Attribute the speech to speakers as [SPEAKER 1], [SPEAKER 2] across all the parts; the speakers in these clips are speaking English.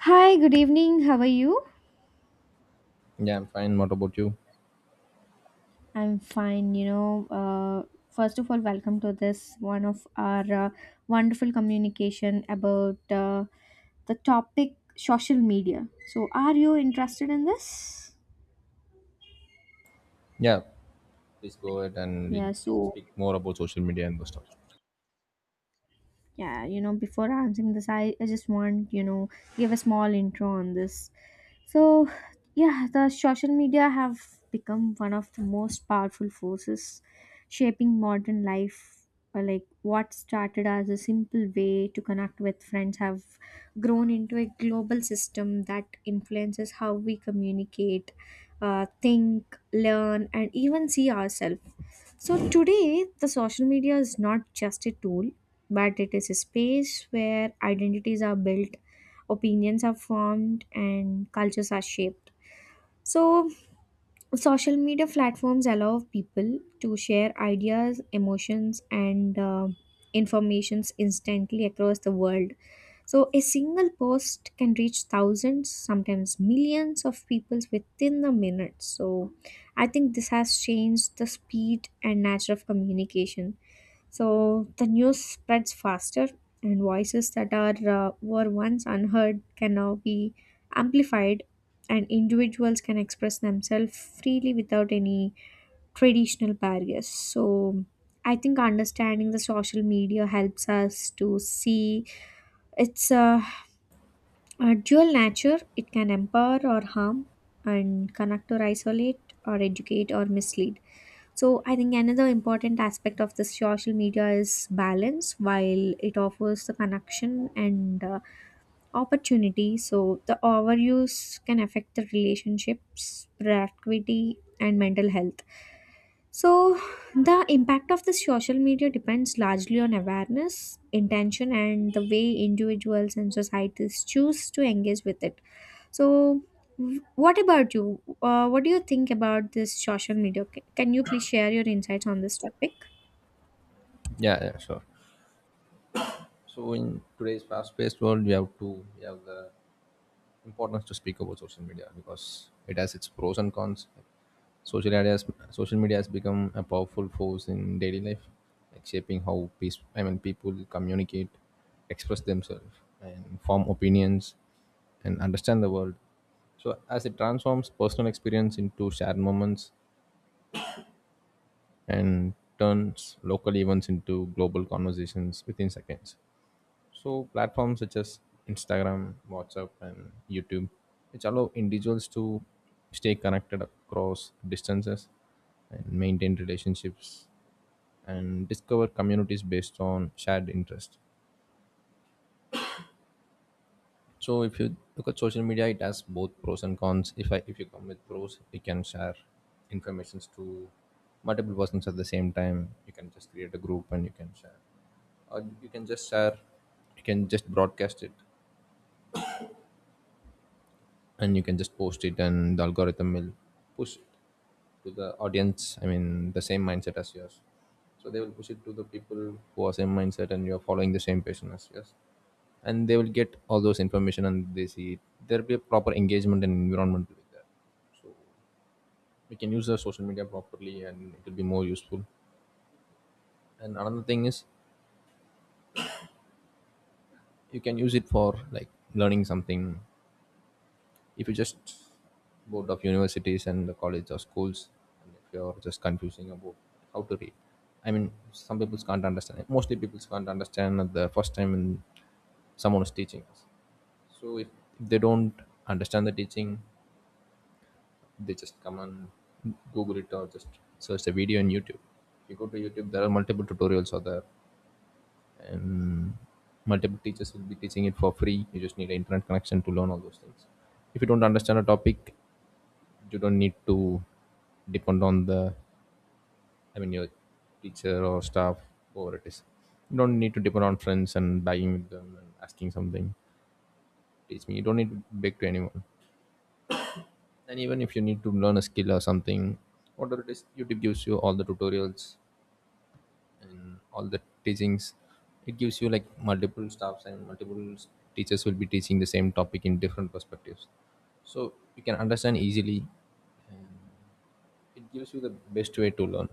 [SPEAKER 1] Hi, good evening. How are you?
[SPEAKER 2] Yeah, I'm fine. What about you?
[SPEAKER 1] I'm fine. First of all, welcome to this one of our wonderful communication about the topic social media. So, are you interested in this?
[SPEAKER 2] Yeah, please go ahead and we
[SPEAKER 1] Yeah, so
[SPEAKER 2] speak more about social media and those stuff.
[SPEAKER 1] before answering this I just want you know give a small intro on this. So yeah, the social media have become one of the most powerful forces shaping modern life, or like what started as a simple way to connect with friends have grown into a global system that influences how we communicate, think, learn, and even see ourselves. So today, the social media is not just a tool, but it is a space where identities are built, opinions are formed, and cultures are shaped. So social media platforms allow people to share ideas, emotions, and informations instantly across the world. So a single post can reach thousands, sometimes millions of people within a minute. So I think this has changed the speed and nature of communication. So the news spreads faster, and voices that are were once unheard can now be amplified, and individuals can express themselves freely without any traditional barriers. So I think understanding the social media helps us to see its a dual nature. It can empower or harm, and connect or isolate, or educate or mislead. So I think another important aspect of the social media is balance. While it offers the connection and opportunity, so the overuse can affect the relationships, productivity, and mental health. So the impact of the social media depends largely on awareness, intention, and the way individuals and societies choose to engage with it. So what about you? What do you think about this social media? Can you please share your insights on this topic?
[SPEAKER 2] Yeah, yeah, sure. So in today's fast-paced world, we have the importance to speak about social media because it has its pros and cons. Social ideas, social media has become a powerful force in daily life, like shaping how people communicate, express themselves, and form opinions, and understand the world. So as it transforms personal experience into shared moments and turns local events into global conversations within seconds. So, platforms such as Instagram, WhatsApp, and YouTube, which allow individuals to stay connected across distances and maintain relationships and discover communities based on shared interest. So, if you look at social media, it has both pros and cons. If you come with pros, you can share informations to multiple persons at the same time. You can just create a group and you can share or you can just share, you can just broadcast it and you can just post it, and the algorithm will push it to the audience, I mean the same mindset as yours. So they will push it to the people who are same mindset and you are following the same passion as yours, and they will get all those information and they see it. There'll be a proper engagement and environment. With that, we can use the social media properly and it will be more useful. And another thing is you can use it for like learning something. If you just board of universities and the college or schools, and if you're just confusing about how to read, I mean some people can't understand it. Mostly people can't understand at the first time when someone is teaching us. So if they don't understand the teaching, they just come and google it or just search the video on YouTube. If you go to YouTube, there are multiple tutorials out there, and multiple teachers will be teaching it for free. You just need an internet connection to learn all those things. If you don't understand a topic, you don't need to depend on the, I mean your teacher or staff, whoever it is. You don't need to depend on friends and begging with them and asking something, teach me. You don't need to beg to anyone. And even if you need to learn a skill or something, whatever it is, YouTube gives you all the tutorials and all the teachings. It gives you like multiple staffs and teachers will be teaching the same topic in different perspectives, so you can understand easily. And it gives you the best way to learn.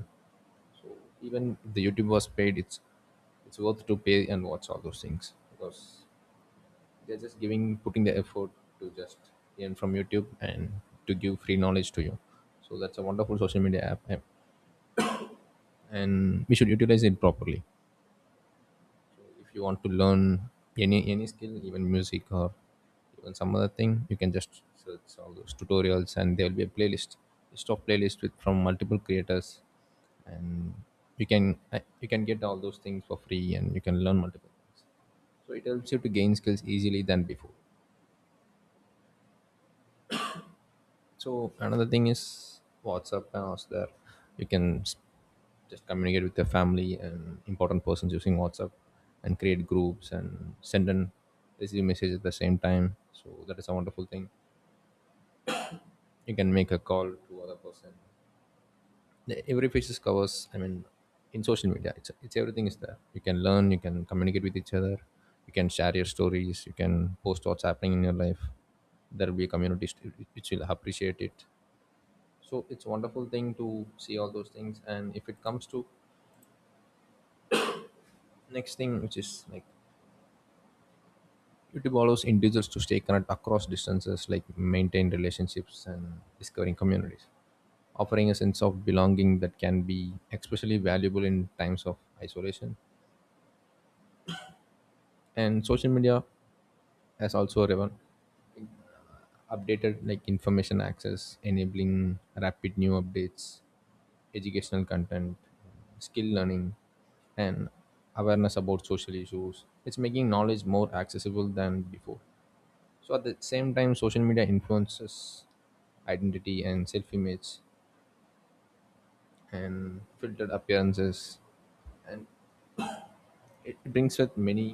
[SPEAKER 2] So even if the YouTube was paid, it's worth to pay and watch all those things, because they're just giving putting the effort to just learn from YouTube and to give free knowledge to you. So that's a wonderful social media app, and we should utilize it properly. If you want to learn any skill, even music or even some other thing, you can just search all those tutorials and there will be a playlist, list of playlist with from multiple creators, and you can you can get all those things for free and you can learn multiple things. So it helps you to gain skills easily than before. So another thing is WhatsApp, and also there you can just communicate with your family and important persons using WhatsApp and create groups and send and receive messages at the same time. So that is a wonderful thing. You can make a call to other person. Every page covers. I mean, in social media, it's everything is there. You can learn. You can communicate with each other. You can share your stories. You can post what's happening in your life. There will be a which will appreciate it. So it's a wonderful thing to see all those things. And if it comes to next thing, which is like YouTube allows individuals to stay connected across distances, like maintain relationships and discovering communities, offering a sense of belonging that can be especially valuable in times of isolation. And social media has also updated like information access, enabling rapid new updates, educational content, skill learning, and awareness about social issues. It's making knowledge more accessible than before. So at the same time, social media influences identity and self-image, and filtered appearances, and it brings with many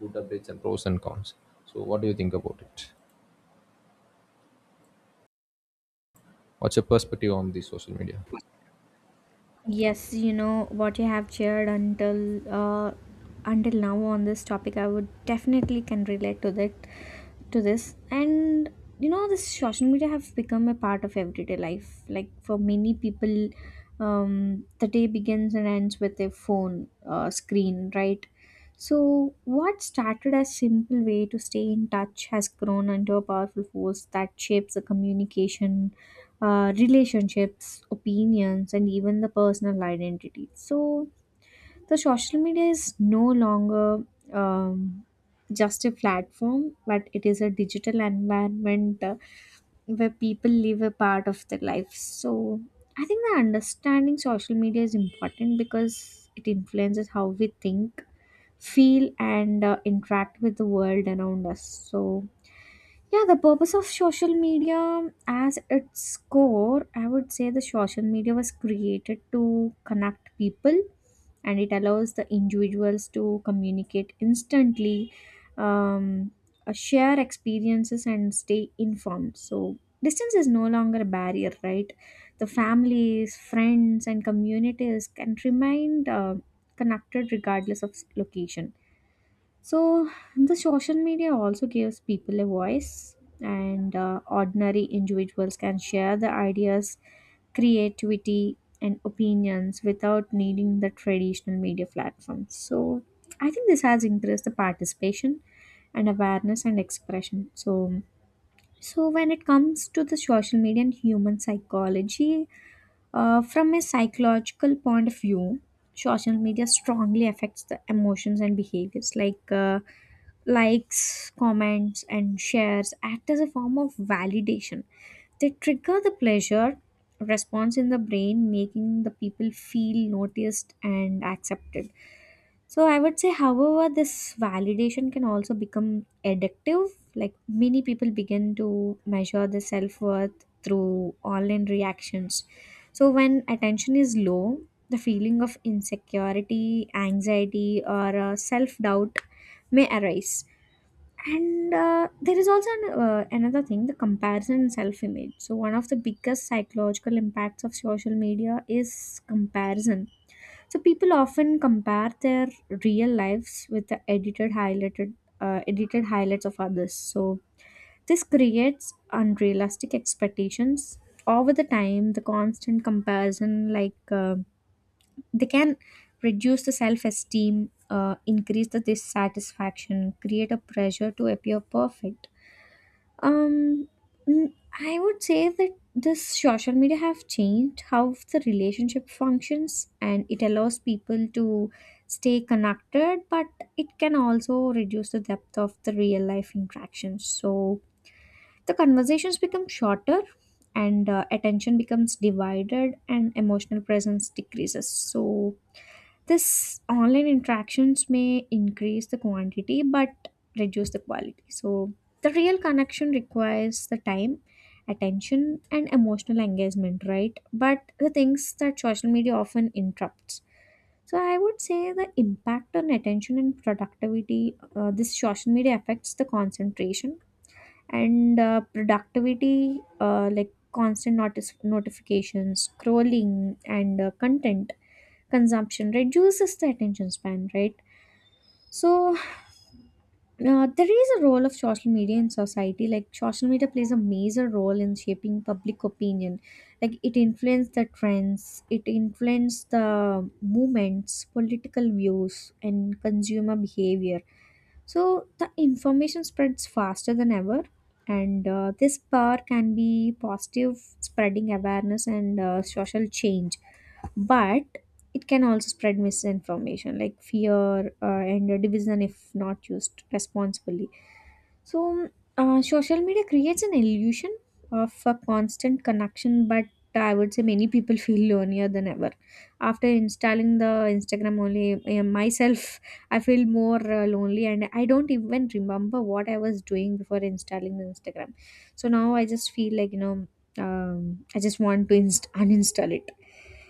[SPEAKER 2] good updates and pros and cons. So what do you think about it? What's your perspective on the social media?
[SPEAKER 1] Yes, you know what you have shared until now on this topic, I would definitely can relate to that to this. And you know, this social media have become a part of everyday life. Like for many people, the day begins and ends with a phone screen, right? So, what started as simple way to stay in touch has grown into a powerful force that shapes the communication, relationships, opinions, and even the personal identity. So the social media is no longer um, just a platform, but it is a digital environment where people live a part of their life. So I think the understanding social media is important because it influences how we think, feel, and interact with the world around us. So yeah, the purpose of social media as its core, I would say the social media was created to connect people, and it allows the individuals to communicate instantly, um, share experiences, and stay informed. So, distance is no longer a barrier, right? The families, friends, and communities can remain connected regardless of location. So, the social media also gives people a voice, and ordinary individuals can share their ideas, creativity, and opinions without needing the traditional media platforms. So, I think this has increased the participation and awareness and expression. So, so when it comes to the social media and human psychology, from a psychological point of view, social media strongly affects the emotions and behaviors. Like likes, comments, and shares act as a form of validation. They trigger the pleasure response in the brain, making the people feel noticed and accepted. So I would say, however, this validation can also become addictive. Like many people begin to measure their self worth through online reactions. So when attention is low, the feeling of insecurity, anxiety, or self doubt may arise. And there is also an, another thing, the comparison and self image. So, one of the biggest psychological impacts of social media is comparison. So people often compare their real lives with the edited highlights of others. So this creates unrealistic expectations. Over the time, the constant comparison, they can reduce the self-esteem, increase the dissatisfaction, create a pressure to appear perfect. um, mm, I would say that this social media have changed how the relationship functions, and it allows people to stay connected, but it can also reduce the depth of the real life interactions. So the conversations become shorter, and attention becomes divided, and emotional presence decreases. So this online interactions may increase the quantity but reduce the quality. So the real connection requires the time, attention, and emotional engagement, right? But the things that social media often interrupts. So I would say the impact on attention and productivity, this social media affects the concentration and productivity, like constant notice notifications, scrolling, and content consumption reduces the attention span, right? So there is a role of social media in society. Like social media plays a major role in shaping public opinion. Like it influences the trends, it influences the movements, political views, and consumer behavior. So the information spreads faster than ever, and this power can be positive, spreading awareness and social change, but it can also spread misinformation like fear, and division, if not used responsibly. So social media creates an illusion of a constant connection, but I would say many people feel lonelier than ever. After installing the Instagram, only myself, I feel more lonely, and I don't even remember what I was doing before installing the Instagram. So now I just feel like I just want to uninstall it.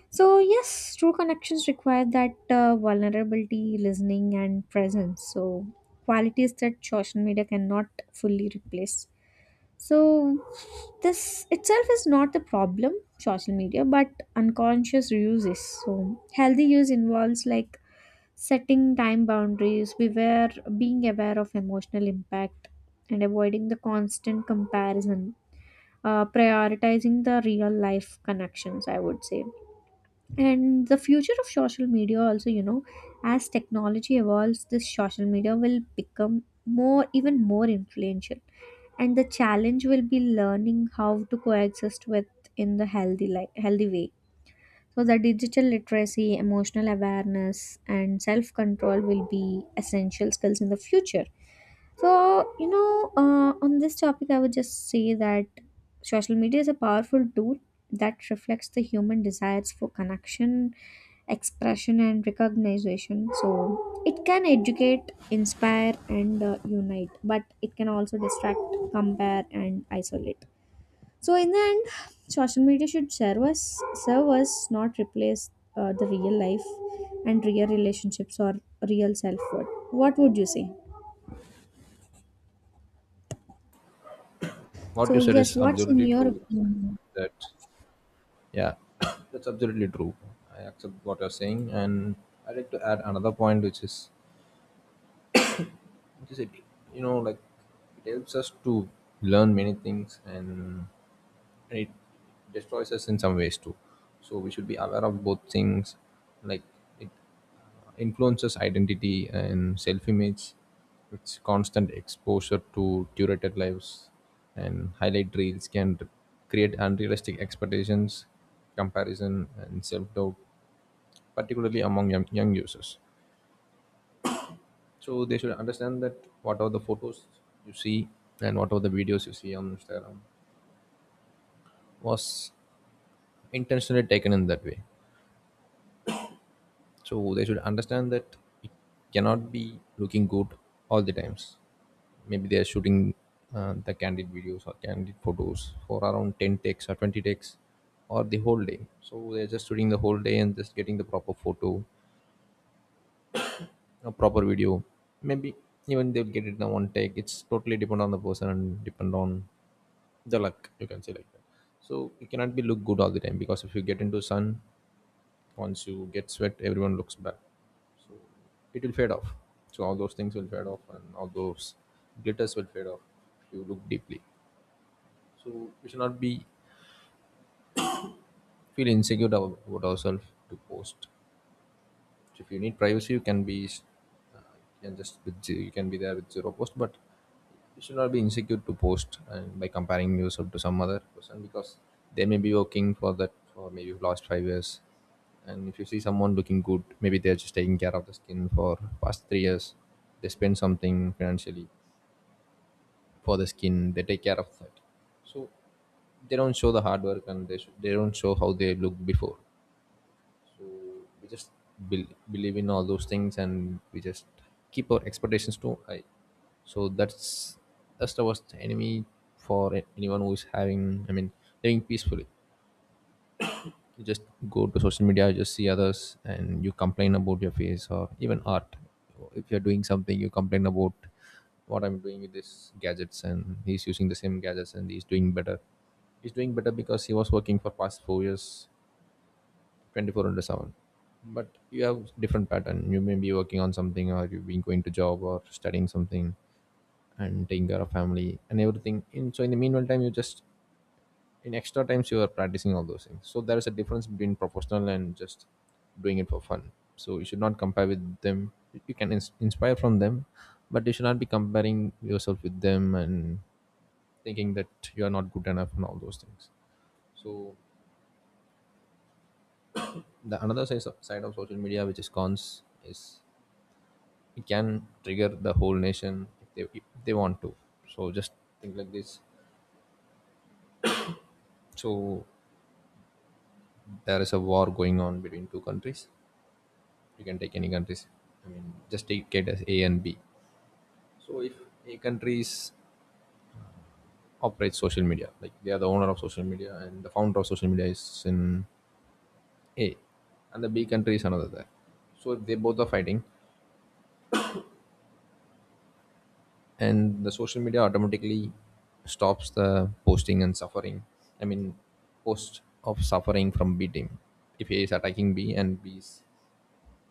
[SPEAKER 1] So, yes, true connections require that vulnerability, listening, and presence. So, qualities that social media cannot fully replace. So, this itself is not the problem, social media, but unconscious uses. So, healthy use involves like setting time boundaries, being aware of emotional impact, and avoiding the constant comparison, prioritizing the real life connections, I would say. And the future of social media also, you know, as technology evolves, this social media will become more even more influential, and the challenge will be learning how to coexist with in the healthy way. So the digital literacy, emotional awareness, and self control will be essential skills in the future. So, you know, on this topic, I would just say that social media is a powerful tool that reflects the human desires for connection, expression, and recognition. So, it can educate, inspire, and unite, but it can also distract, compare, and isolate. So, in the end, social media should serve us, not replace the real life and real relationships or real self worth. What would you say?
[SPEAKER 2] What you
[SPEAKER 1] So,
[SPEAKER 2] said
[SPEAKER 1] yes,
[SPEAKER 2] is
[SPEAKER 1] what's in
[SPEAKER 2] absolutely
[SPEAKER 1] your
[SPEAKER 2] true.
[SPEAKER 1] opinion?
[SPEAKER 2] that Yeah, that's absolutely true. I accept what you're saying, and I'd like to add another point, which is, which is it, you know, like it helps us to learn many things, and it destroys us in some ways too. So we should be aware of both things. Like, it influences identity and self-image. It's constant exposure to curated lives and highlight reels can create unrealistic expectations, comparison, and self-doubt, particularly among young users. So they should understand that whatever the photos you see and whatever the videos you see on Instagram was intentionally taken in that way. So they should understand that it cannot be looking good all the times. Maybe they are shooting the candid videos or candid photos for around 10 takes or 20 takes or the whole day. So they're just shooting the whole day and just getting the proper photo, a proper video. Maybe even they'll get it in one take. It's totally depend on the person and depend on the luck, you can say like that. So you cannot be look good all the time, because if you get into sun, once you get sweat, everyone looks bad. So it will fade off. So all those things will fade off and all those glitters will fade off if you look deeply. So we should not be feel insecure about ourselves to post. So if you need privacy, you can be you can just you can be there with zero post, but you should not be insecure to post and by comparing yourself to some other person, because they may be working for that for maybe last 5 years. And if you see someone looking good, maybe they're just taking care of the skin for past 3 years. They spend something financially for the skin, they take care of that. So they don't show the hard work, and they don't show how they look before. So we just bel believe in all those things and we just keep our expectations too high. So that's the worst enemy for anyone who is having, I mean living peacefully. You just go to social media, you just see others and you complain about your face or even art. If you're doing something, you complain about what I'm doing with these gadgets and he's using the same gadgets and he's doing better. He's doing better because he was working for past 4 years, 24 into 7. But you have different pattern. You may be working on something or you've been going to job or studying something and taking care of family and everything in, so in the meanwhile time, you just in extra times you are practicing all those things. So there is a difference between professional and just doing it for fun. So you should not compare with them. You can inspire from them, but you should not be comparing yourself with them and thinking that you are not good enough and all those things. So the another side of social media, which is cons, is it can trigger the whole nation if if they want to. So just think like this. So there is a war going on between two countries. You can take any countries, I mean just take it as A and B. So if A countries operates social media, like they are the owner of social media and the founder of social media is in A, and the B country is another there. So if they both are fighting, and the social media automatically stops the posting and suffering, I mean post of suffering from B team. If A is attacking B, and b is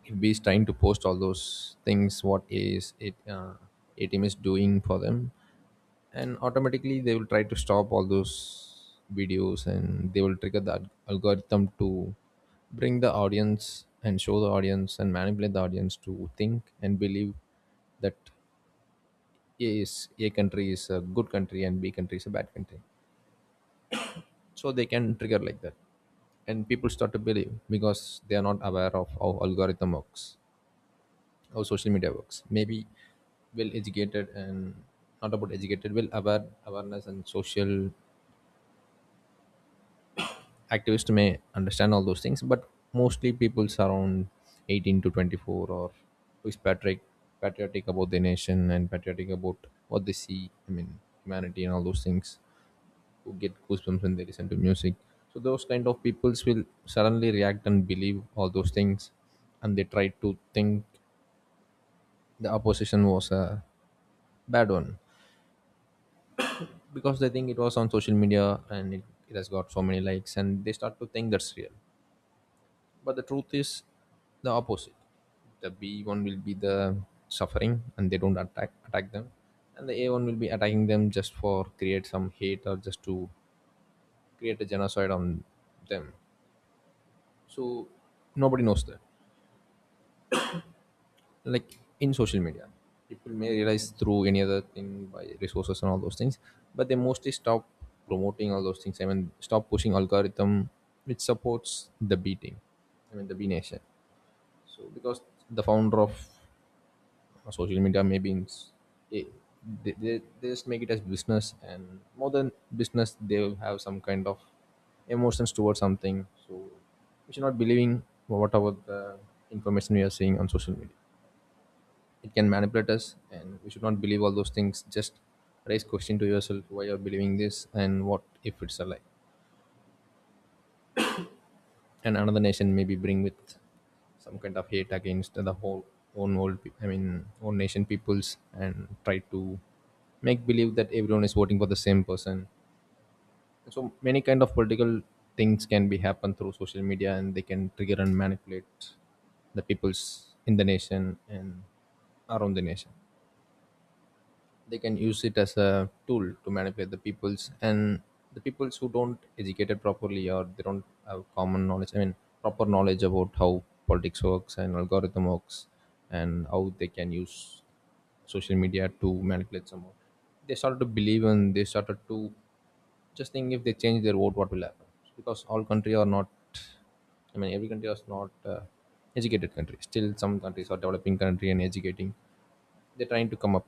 [SPEAKER 2] if B is trying to post all those things what A team is doing for them, and automatically they will try to stop all those videos and they will trigger the algorithm to bring the audience and show the audience and manipulate the audience to think and believe that A country is a good country and B country is a bad country. So they can trigger like that. And people start to believe because they are not aware of how algorithm works, how social media works. Maybe well educated and not about educated, well aware awareness and social activists may understand all those things, but mostly people around 18 to 24 or who is patriotic about their nation and patriotic about what they see, I mean humanity and all those things who get goosebumps when they listen to music. So those kind of peoples will suddenly react and believe all those things, and they try to think the opposition was a bad one because they think it was on social media and it has got so many likes, and they start to think that's real. But the truth is the opposite. The B one will be the suffering, and they don't attack them, and the A one will be attacking them just for create some hate or just to create a genocide on them. So nobody knows that. Like in social media, people may realize through any other thing by resources and all those things, but they mostly stop promoting all those things. I mean, stop pushing algorithm which supports the beating. I mean the B Nation. So because the founder of social media maybe in, s- it, they just make it as business and more than business they will have some kind of emotions towards something. So we should not believing whatever the information we are seeing on social media. It can manipulate us and we should not believe all those things. Just raise question to yourself why you're believing this and what if it's a lie, and another nation maybe bring with some kind of hate against the whole own world own nation peoples and try to make believe that everyone is voting for the same person. So many kind of political things can be happen through social media and they can trigger and manipulate the peoples in the nation and around the nation. They can use it as a tool to manipulate the peoples, and the peoples who don't educated properly or they don't have common knowledge, I mean proper knowledge about how politics works and algorithm works and how they can use social media to manipulate someone, they started to believe and they started to just think, if they change their vote what will happen? Because all country are not, I mean every country is not educated country. Still some countries are developing country and educating, they're trying to come up.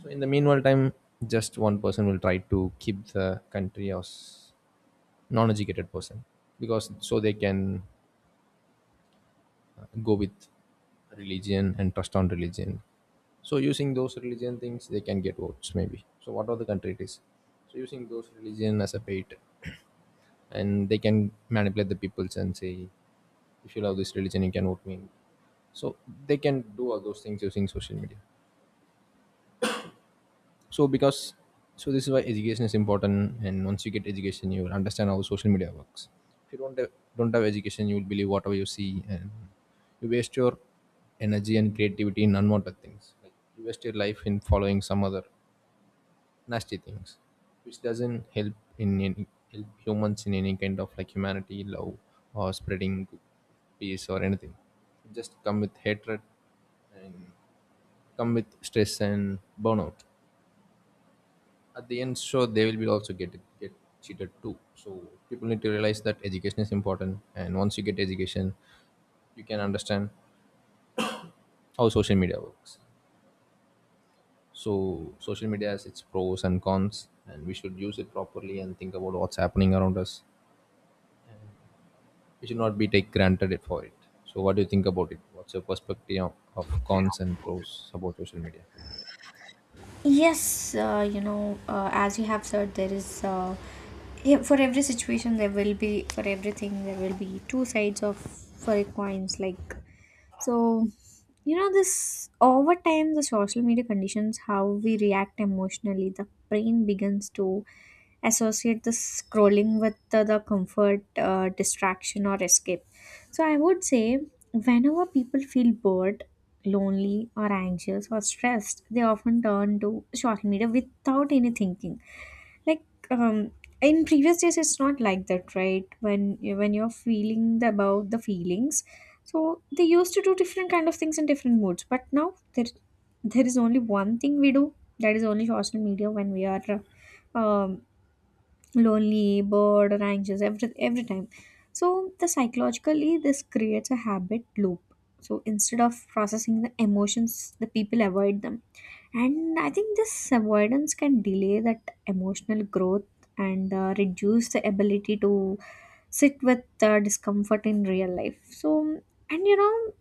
[SPEAKER 2] So in the meanwhile time, just one person will try to keep the country as non-educated person because so they can go with religion and trust on religion. So using those religion things, they can get votes maybe. So what are the country it is? So using those religion as a bait, and they can manipulate the peoples and say, if you love this religion, you can vote me. So they can do all those things using social media. so because so this is why education is important, and once you get education you will understand how social media works. If you don't have education, you will believe whatever you see and you waste your energy and creativity in unwanted things. Like you waste your life in following some other nasty things which doesn't help in any help humans in any kind of like humanity love or spreading peace or anything. It just come with hatred and come with stress and burnout at the end, so they will be also get cheated too. So people need to realize that education is important, and once you get education you can understand how social media works. So social media has its pros and cons and we should use it properly and think about what's happening around us. We should not be take granted it for it. So what do you think about it? What's your perspective of cons and pros about social media?
[SPEAKER 1] Yes, as you have said, there is yeah, for everything there will be two sides of for a coins like. So you know, this over time, the social media conditions how we react emotionally. The brain begins to associate the scrolling with the comfort, distraction, or escape. So I would say whenever people feel bored, lonely, or anxious, or stressed, they often turn to social media without any thinking. Like um, in previous days, it's not like that, right? When you're feeling about the feelings, so they used to do different kind of things in different moods. But now there is only one thing we do, that is only social media, when we are. Um, Lonely, bored, or anxious every time. So the psychologically this creates a habit loop. So instead of processing the emotions, the people avoid them. And I think this avoidance can delay that emotional growth, and reduce the ability to sit with discomfort in real life. So, and you know,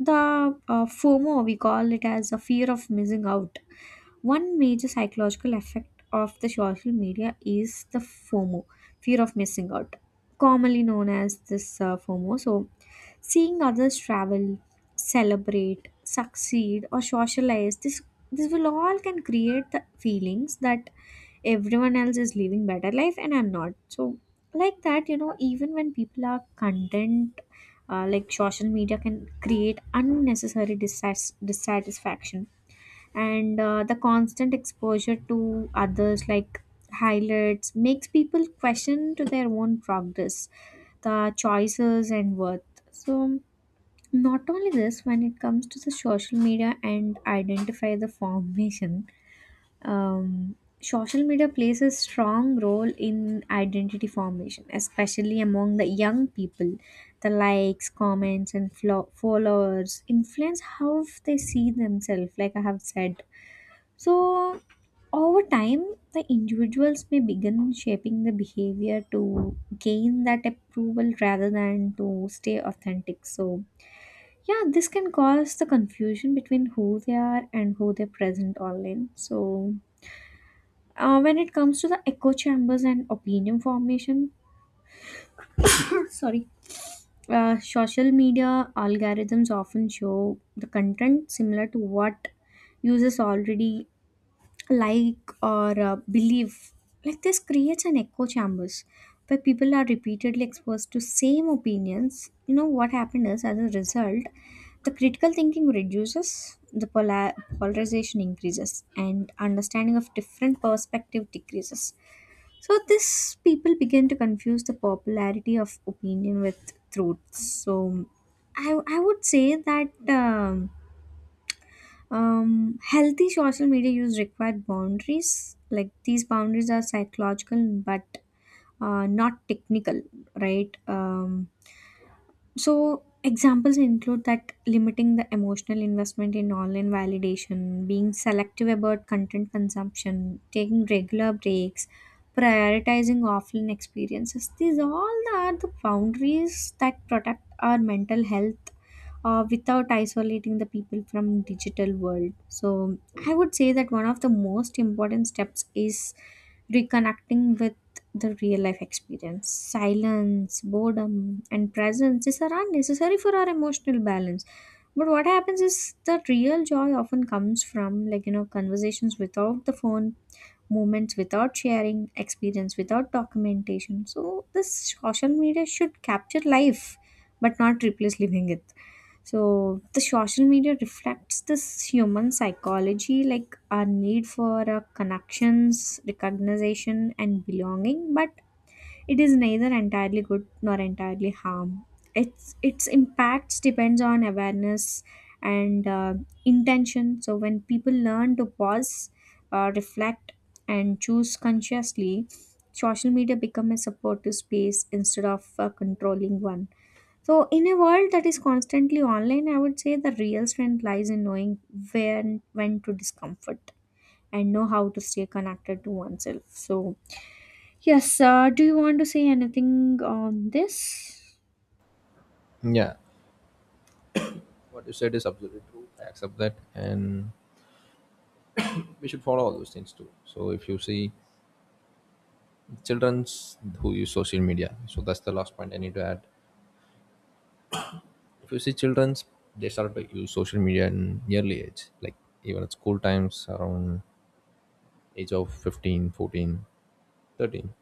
[SPEAKER 1] the FOMO, we call it as a fear of missing out. One major psychological effect of the social media is the FOMO, fear of missing out, commonly known as this FOMO. So, seeing others travel, celebrate, succeed, or socialize, this will all can create the feelings that everyone else is living better life and I'm not. So, like that, you know, even when people are content, like social media can create unnecessary dissatisfaction, and the constant exposure to others like highlights makes people question to their own progress, the choices, and worth. So not only this, when it comes to the social media and identify the formation, um, social media plays a strong role in identity formation, especially among the young people. The likes, comments, and followers influence how they see themselves, like I have said. So, over time, the individuals may begin shaping the behavior to gain that approval rather than to stay authentic. So, yeah, this can cause the confusion between who they are and who they present online. So, when it comes to the echo chambers and opinion formation, sorry. Social media algorithms often show the content similar to what users already like or believe. Like this creates an echo chambers where people are repeatedly exposed to same opinions. You know what happened is, as a result, the critical thinking reduces, the polarization increases, and understanding of different perspective decreases. So this people begin to confuse the popularity of opinion with truth. So I would say that healthy social media use required boundaries. Like these boundaries are psychological but not technical, right? So examples include that limiting the emotional investment in online validation, being selective about content consumption, taking regular breaks, prioritizing offline experiences. These all are the boundaries that protect our mental health without isolating the people from digital world. So I would say that one of the most important steps is reconnecting with the real life experience. Silence, boredom, and presence, these are unnecessary for our emotional balance. But what happens is the real joy often comes from, like you know, conversations without the phone, moments without sharing, experience without documentation. So this social media should capture life, but not replace living it. So the social media reflects this human psychology, like our need for connections, recognition, and belonging. But it is neither entirely good nor entirely harm. Its impacts depends on awareness and intention. So when people learn to pause, reflect, and choose consciously, social media become a supportive space instead of a controlling one. So, in a world that is constantly online, I would say the real strength lies in knowing when to discomfort and know how to stay connected to oneself. So, yes, do you want to say anything on this?
[SPEAKER 2] Yeah, what you said is absolutely true, I accept that, and we should follow all those things too. So if you see children's who use social media, so that's the last point I need to add. If you see children's, they start to use social media in early age, like even at school times around age of 15, 14, 13.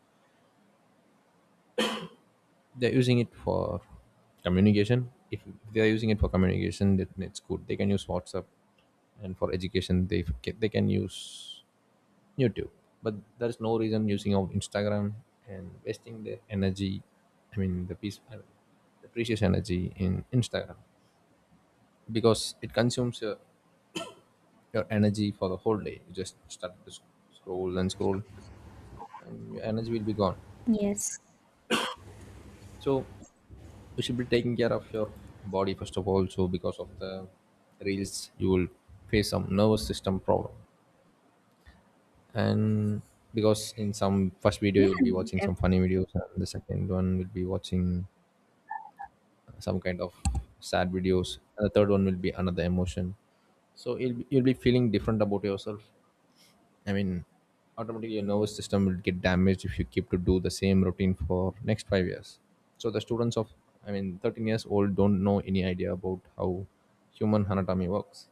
[SPEAKER 2] They're using it for communication. If they're using it for communication then it's good, they can use WhatsApp, and for education they can use YouTube. But there's no reason using of Instagram and wasting their energy, I mean the precious energy in Instagram, because it consumes your energy for the whole day. You just start to scroll and scroll and your energy will be gone.
[SPEAKER 1] Yes.
[SPEAKER 2] So you should be taking care of your body first of all. So because of the reels you will face some nervous system problem. And because in some first video
[SPEAKER 1] Yeah.
[SPEAKER 2] you'll be watching
[SPEAKER 1] def-
[SPEAKER 2] some funny videos and the second one will be watching some kind of sad videos and the third one will be another emotion. So you'll be feeling different about yourself. I mean, automatically your nervous system will get damaged if you keep to do the same routine for next 5 years. So the students of, I mean, 13 years old don't know any idea about how human anatomy works.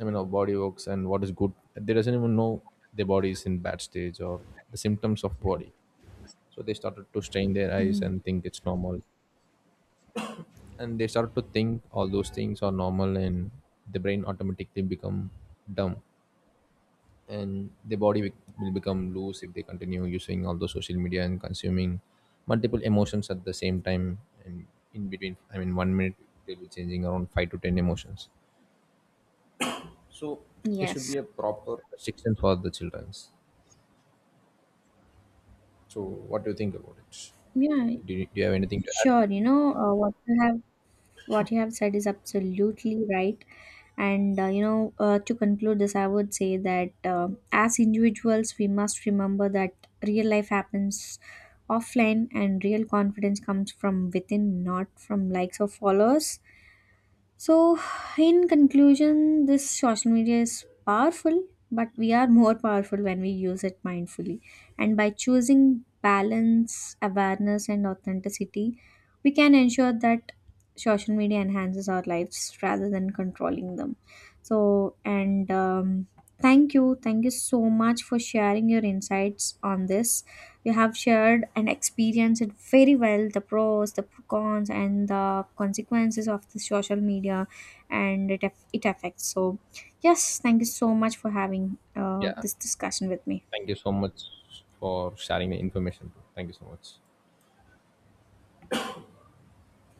[SPEAKER 2] I mean, our body works and what is good. They doesn't even know their body is in bad stage or the symptoms of body. So they started to strain their eyes
[SPEAKER 1] Mm.
[SPEAKER 2] and think it's normal. And they started to think all those things are normal and the brain automatically become dumb and the body will become loose if they continue using all the social media and consuming multiple emotions at the same time, and in between, I mean one minute they'll be changing around 5 to 10 emotions. So it should
[SPEAKER 1] Yes.
[SPEAKER 2] be a proper restriction for the childrens. So what do you think about it?
[SPEAKER 1] Yeah.
[SPEAKER 2] Do you have anything to add?
[SPEAKER 1] Sure. You know, what you have said is absolutely right, and you know, to conclude this, I would say that as individuals we must remember that real life happens offline, and real confidence comes from within, not from likes or followers. So, in conclusion, this social media is powerful, but we are more powerful when we use it mindfully. And by choosing balance, awareness, and authenticity, we can ensure that social media enhances our lives rather than controlling them. So, and thank you. Thank you so much for sharing your insights on this. You have shared and experienced it very well, the pros, the cons, and the consequences of the social media, and it affects. So yes, thank you so much for having
[SPEAKER 2] Yeah,
[SPEAKER 1] this discussion with me.
[SPEAKER 2] thank you so much for sharing the information too. Thank you so much.